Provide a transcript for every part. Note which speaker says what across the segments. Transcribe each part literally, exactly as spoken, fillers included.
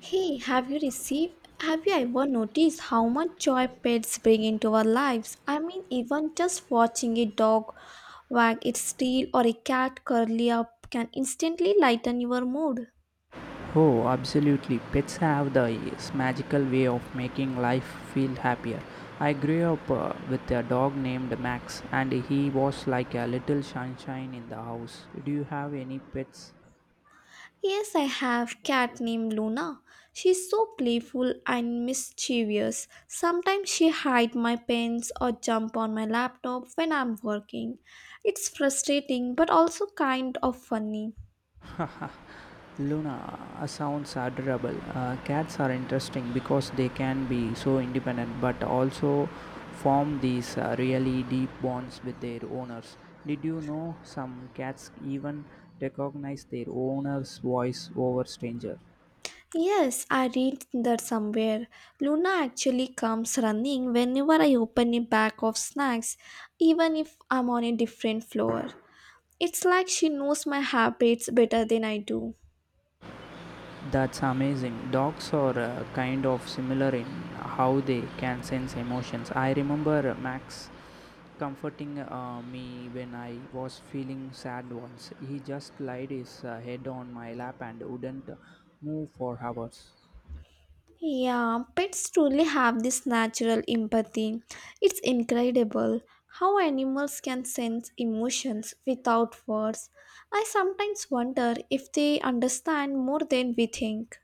Speaker 1: Hey, have you received? Have you ever noticed how much joy pets bring into our lives? I mean, even just watching a dog wag its tail or a cat curly up can instantly lighten your mood.
Speaker 2: Oh, absolutely. Pets have this magical way of making life feel happier. I grew up uh, with a dog named Max, and he was like a little sunshine in the house. Do you have any pets?
Speaker 1: Yes, I have cat named Luna. She's so playful and mischievous. Sometimes she hide my pens or jump on my laptop when I'm working. It's frustrating but also kind of funny.
Speaker 2: Luna uh, sounds adorable. Uh, cats are interesting because they can be so independent but also form these uh, really deep bonds with their owners. Did you know some cats even recognize their owner's voice over stranger?
Speaker 1: Yes, I read that somewhere. Luna actually comes running whenever I open a bag of snacks, even if I'm on a different floor. It's like she knows my habits better than I do.
Speaker 2: That's amazing. Dogs are uh, kind of similar in how they can sense emotions. I remember Max comforting uh, me when I was feeling sad once. He just laid his uh, head on my lap and wouldn't move for hours.
Speaker 1: Yeah, pets truly have this natural empathy. It's incredible how animals can sense emotions without words. I sometimes wonder if they understand more than we think.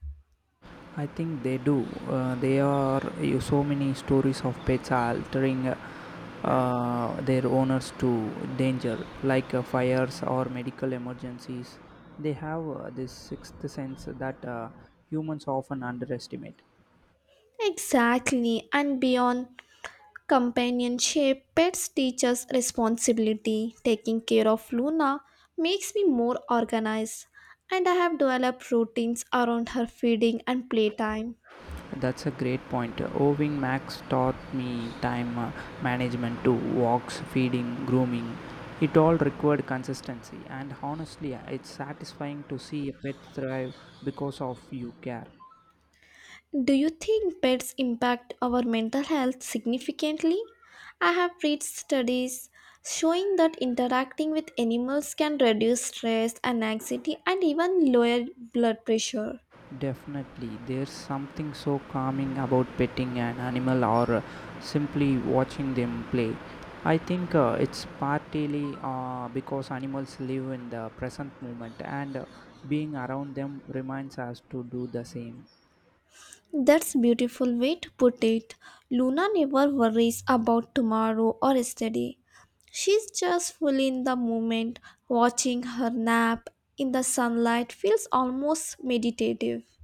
Speaker 2: I think they do. Uh, there are uh, so many stories of pets are altering uh, their owners to danger, like uh, fires or medical emergencies. They have uh, this sixth sense that uh, humans often underestimate.
Speaker 1: Exactly, and beyond Companionship, pets teach us responsibility. Taking care of Luna makes me more organized, and I have developed routines around her feeding and playtime.
Speaker 2: That's a great point. Owing Max taught me time uh, management to walks, feeding, grooming. It all required consistency, and honestly, it's satisfying to see a pet thrive because of you care.
Speaker 1: Do you think pets impact our mental health significantly? I have read studies showing that interacting with animals can reduce stress, anxiety, and even lower blood pressure.
Speaker 2: Definitely, there's something so calming about petting an animal or uh, simply watching them play. I think uh, it's partly uh, because animals live in the present moment and uh, being around them reminds us to do the same.
Speaker 1: That's a beautiful way to put it. Luna never worries about tomorrow or yesterday. She's just fully in the moment. Watching her nap in the sunlight feels almost meditative.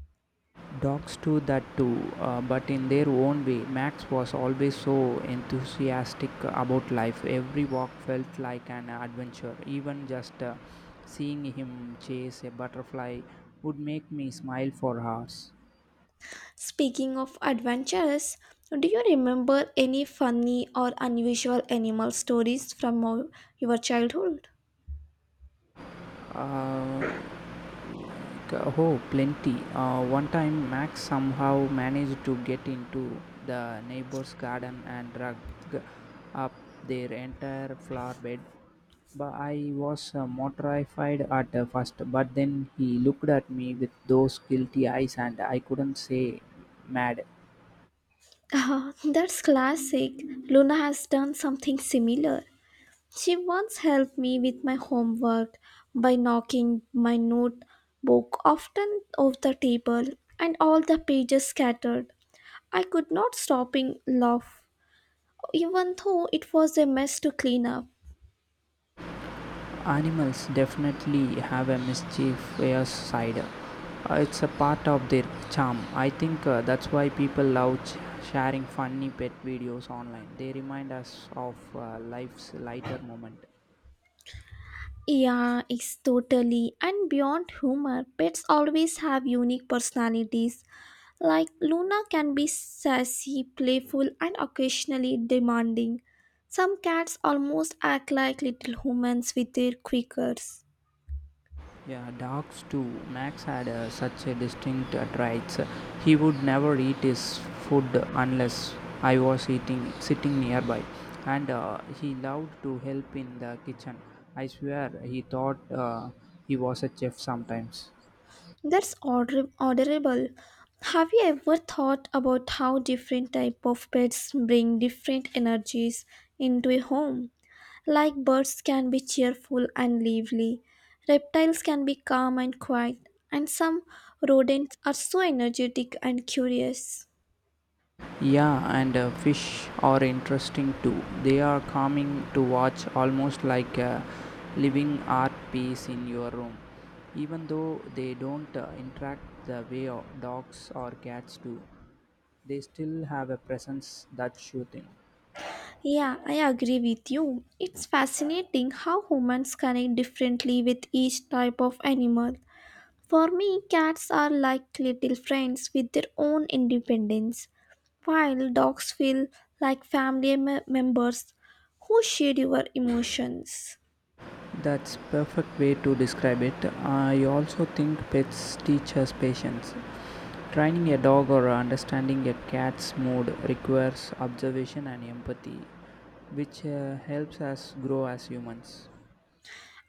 Speaker 2: Dogs do that too, uh, but in their own way. Max was always so enthusiastic about life. Every walk felt like an adventure. Even just uh, seeing him chase a butterfly would make me smile for hours.
Speaker 1: Speaking of adventures, do you remember any funny or unusual animal stories from your your childhood?
Speaker 2: Uh, Like, uh, Oh, plenty. Uh, one time, Max somehow managed to get into the neighbor's garden and drag up their entire flower bed. But I was uh, mortified at uh, first, but then he looked at me with those guilty eyes, and I couldn't say mad.
Speaker 1: Ah, that's classic. Luna has done something similar. She once helped me with my homework by knocking my notebook often off the table and all the pages scattered. I could not stop laughing, even though it was a mess to clean up.
Speaker 2: Animals definitely have a mischievous side. Uh, it's a part of their charm. I think uh, that's why people love ch- sharing funny pet videos online. They remind us of uh, life's lighter moment.
Speaker 1: Yeah, it's totally. And beyond humor, pets always have unique personalities. Like Luna can be sassy, playful, and occasionally demanding. Some cats almost act like little humans with their quakers.
Speaker 2: Yeah, dogs too. Max had uh, such a distinct uh, traits. He would never eat his food unless I was eating sitting nearby, and uh, he loved to help in the kitchen. I swear he thought uh, he was a chef sometimes.
Speaker 1: That's order- orderable. Have you ever thought about how different type of pets bring different energies into a home? Like birds can be cheerful and lively, reptiles can be calm and quiet, and some rodents are so energetic and curious.
Speaker 2: Yeah, and uh, fish are interesting too. They are calming to watch, almost like a living art piece in your room. Even though they don't uh, interact the way o- dogs or cats do, they still have a presence, that's soothing.
Speaker 1: Yeah, I agree with you. It's fascinating how humans connect differently with each type of animal. For me, cats are like little friends with their own independence, while dogs feel like family me- members who share your emotions.
Speaker 2: That's perfect way to describe it. I also think pets teach us patience. Training a dog or understanding a cat's mood requires observation and empathy, which uh, helps us grow as humans.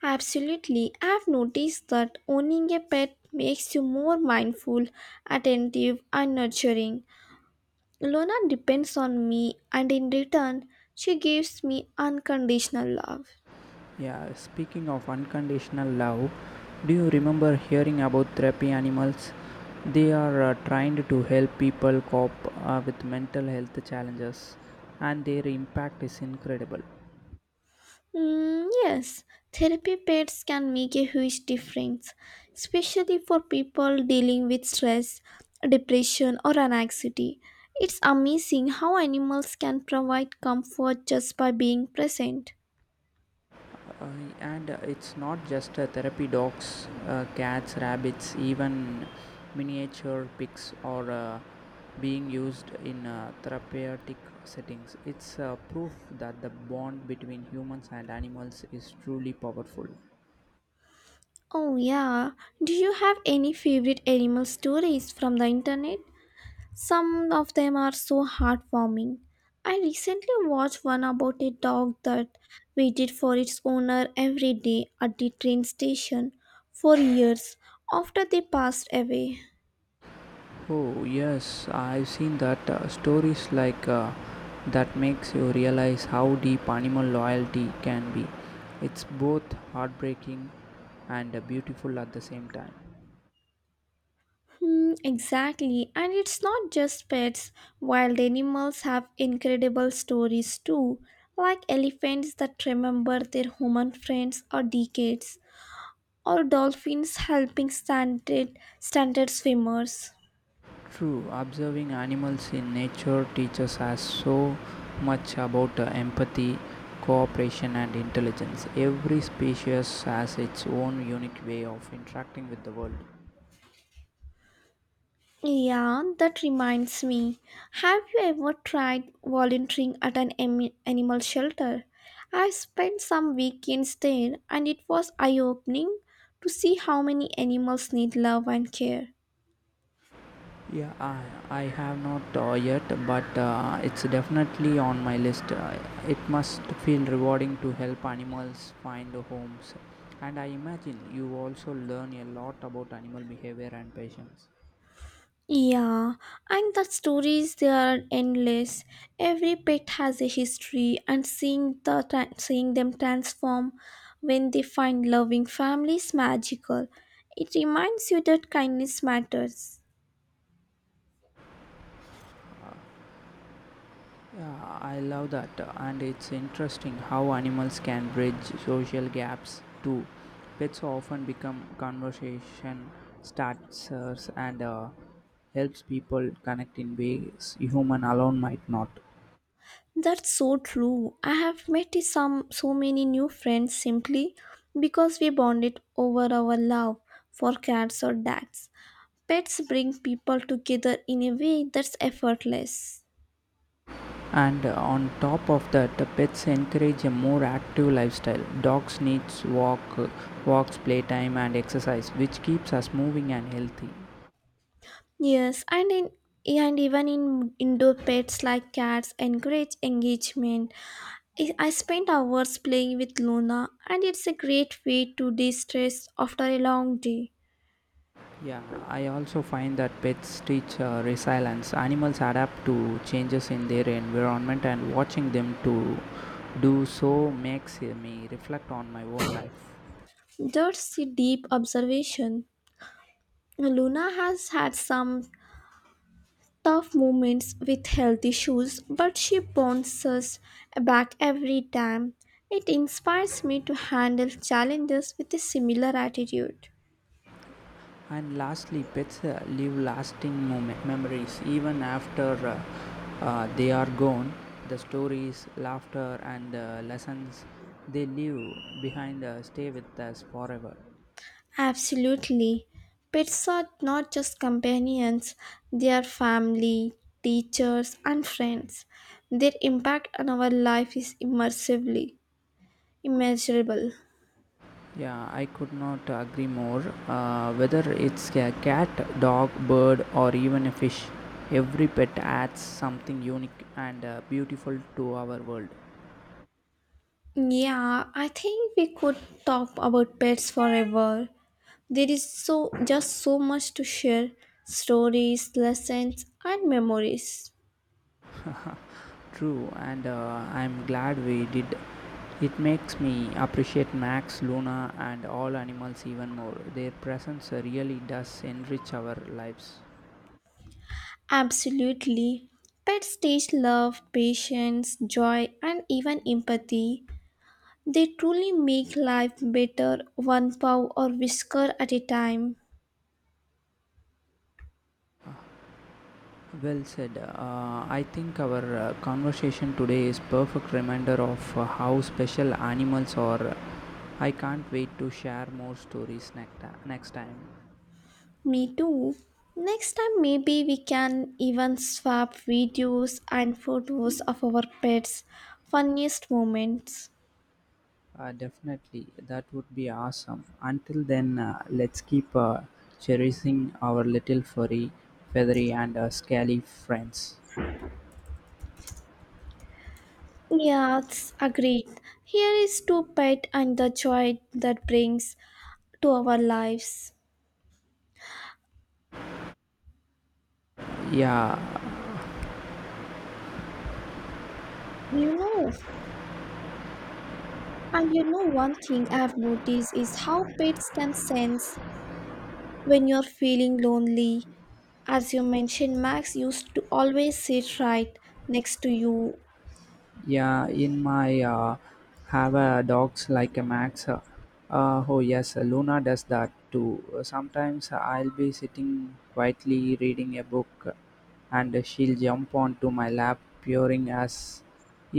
Speaker 1: Absolutely, I've noticed that owning a pet makes you more mindful, attentive, and nurturing. Lona depends on me, and in return, she gives me unconditional love.
Speaker 2: Yeah, speaking of unconditional love, do you remember hearing about therapy animals? They are uh, trained to help people cope uh, with mental health challenges, and their impact is incredible.
Speaker 1: Mm, yes, therapy pets can make a huge difference, especially for people dealing with stress, depression, or anxiety. It's amazing how animals can provide comfort just by being present.
Speaker 2: Uh, and uh, It's not just uh, therapy dogs, uh, cats, rabbits, even miniature pigs are uh, being used in uh, therapeutic settings. It's uh, proof that the bond between humans and animals is truly powerful.
Speaker 1: Oh, yeah. Do you have any favorite animal stories from the internet? Some of them are so heartwarming. I recently watched one about a dog that waited for its owner every day at the train station for years after they passed away.
Speaker 2: Oh, yes, I've seen that uh, stories like uh, that makes you realize how deep animal loyalty can be. It's both heartbreaking and uh, beautiful at the same time.
Speaker 1: Hmm, exactly, and it's not just pets. Wild animals have incredible stories too, like elephants that remember their human friends for decades, or dolphins helping stranded, stranded swimmers.
Speaker 2: True, observing animals in nature teaches us so much about uh, empathy, cooperation, and intelligence. Every species has its own unique way of interacting with the world.
Speaker 1: Yeah, that reminds me. Have you ever tried volunteering at an em- animal shelter? I spent some weekends there and it was eye opening to see how many animals need love and care.
Speaker 2: Yeah, I, I have not uh, yet, but uh, it's definitely on my list. Uh, it must feel rewarding to help animals find homes. And I imagine you also learn a lot about animal behavior and patience.
Speaker 1: Yeah, and the stories they are endless. Every pet has a history and seeing the tra- seeing them transform when they find loving families magical. It reminds you that kindness matters.
Speaker 2: Yeah, I love that, and it's interesting how animals can bridge social gaps too. Pets often become conversation starters and uh, helps people connect in ways human alone might not.
Speaker 1: That's so true. I have met some so many new friends simply because we bonded over our love for cats or dogs. Pets bring people together in a way that's effortless.
Speaker 2: And uh, on top of that, the pets encourage a more active lifestyle. Dogs needs walk, walks, playtime, and exercise, which keeps us moving and healthy.
Speaker 1: Yes, and in and even in indoor pets like cats encourage engagement. I I spent hours playing with Luna, and it's a great way to de-stress after a long day.
Speaker 2: Yeah, I also find that pets teach uh, resilience. Animals adapt to changes in their environment, and watching them to do so makes uh, me reflect on my own life.
Speaker 1: That's a deep observation. Luna has had some tough moments with health issues, but she bounces back every time. It inspires me to handle challenges with a similar attitude.
Speaker 2: And lastly, pets uh, leave lasting moment, memories even after uh, uh, they are gone. The stories, laughter, and uh, lessons they leave behind uh, stay with us forever.
Speaker 1: Absolutely. Pets are not just companions, they are family, teachers, and friends. Their impact on our life is immersively immeasurable.
Speaker 2: Yeah, I could not agree more. Uh, whether it's a cat, dog, bird, or even a fish, every pet adds something unique and uh, beautiful to our world.
Speaker 1: Yeah, I think we could talk about pets forever. There is so just so much to share stories, lessons, and memories.
Speaker 2: True, and uh, I'm glad we did. It makes me appreciate Max, Luna, and all animals even more. Their presence really does enrich our lives.
Speaker 1: Absolutely. Pets teach love, patience, joy, and even empathy. They truly make life better, one paw or whisker at a time.
Speaker 2: Well said. Uh, I think our uh, conversation today is perfect reminder of uh, how special animals are. I can't wait to share more stories next, ti- next time.
Speaker 1: Me too. Next time, maybe we can even swap videos and photos of our pets' funniest moments.
Speaker 2: Uh, definitely, that would be awesome. Until then, uh, let's keep uh, cherishing our little furry, feathery, and uh, scaly friends.
Speaker 1: Yes, agreed. Here is to pet and the joy that brings to our lives.
Speaker 2: Yeah.
Speaker 1: You know, and you know, one thing I've noticed is how pets can sense when you're feeling lonely. As you mentioned, Max used to always sit right next to you.
Speaker 2: Yeah, in my uh, have a dogs like a Max. Uh, uh, oh yes, uh, Luna does that too. Sometimes I'll be sitting quietly reading a book, uh, and she'll jump onto my lap, purring as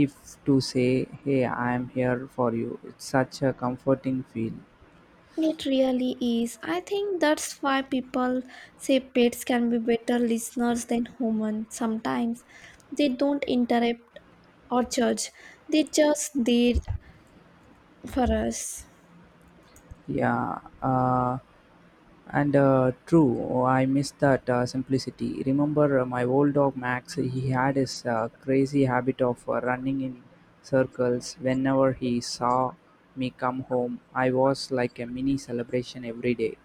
Speaker 2: if to say, "Hey, I'm here for you." It's such a comforting feel.
Speaker 1: It really is. I think that's why people say pets can be better listeners than humans sometimes. They don't interrupt or judge, they just there for us.
Speaker 2: Yeah. Uh, And uh, True, oh, I miss that uh, simplicity. Remember uh, my old dog Max? He had his uh, crazy habit of uh, running in circles whenever he saw me come home. I was like a mini celebration every day.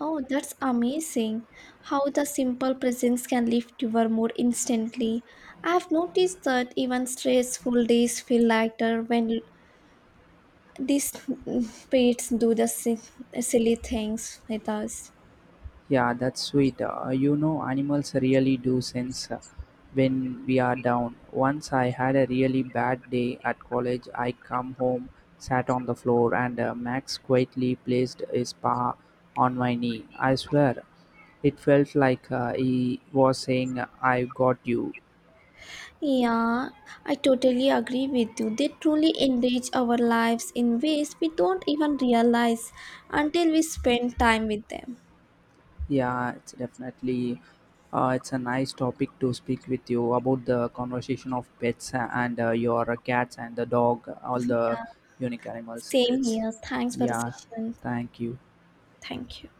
Speaker 1: Oh, that's amazing how the simple presence can lift your mood instantly. I've noticed that even stressful days feel lighter when these pets do the si- silly things with us.
Speaker 2: Yeah, that's sweet. Uh, you know, animals really do sense uh, when we are down. Once I had a really bad day at college. I come home, sat on the floor, and uh, Max quietly placed his paw on my knee. I swear. It felt like uh, he was saying, "i got you."
Speaker 1: Yeah, I totally agree with you. They truly enrich our lives in ways we don't even realize until we spend time with them.
Speaker 2: Yeah, it's definitely uh, it's a nice topic to speak with you about the conversation of pets and uh, your cats and the dog, all the
Speaker 1: Yeah,
Speaker 2: unique animals.
Speaker 1: same
Speaker 2: It's
Speaker 1: here. Thanks for the
Speaker 2: yeah,
Speaker 1: session.
Speaker 2: thank you.
Speaker 1: Thank you.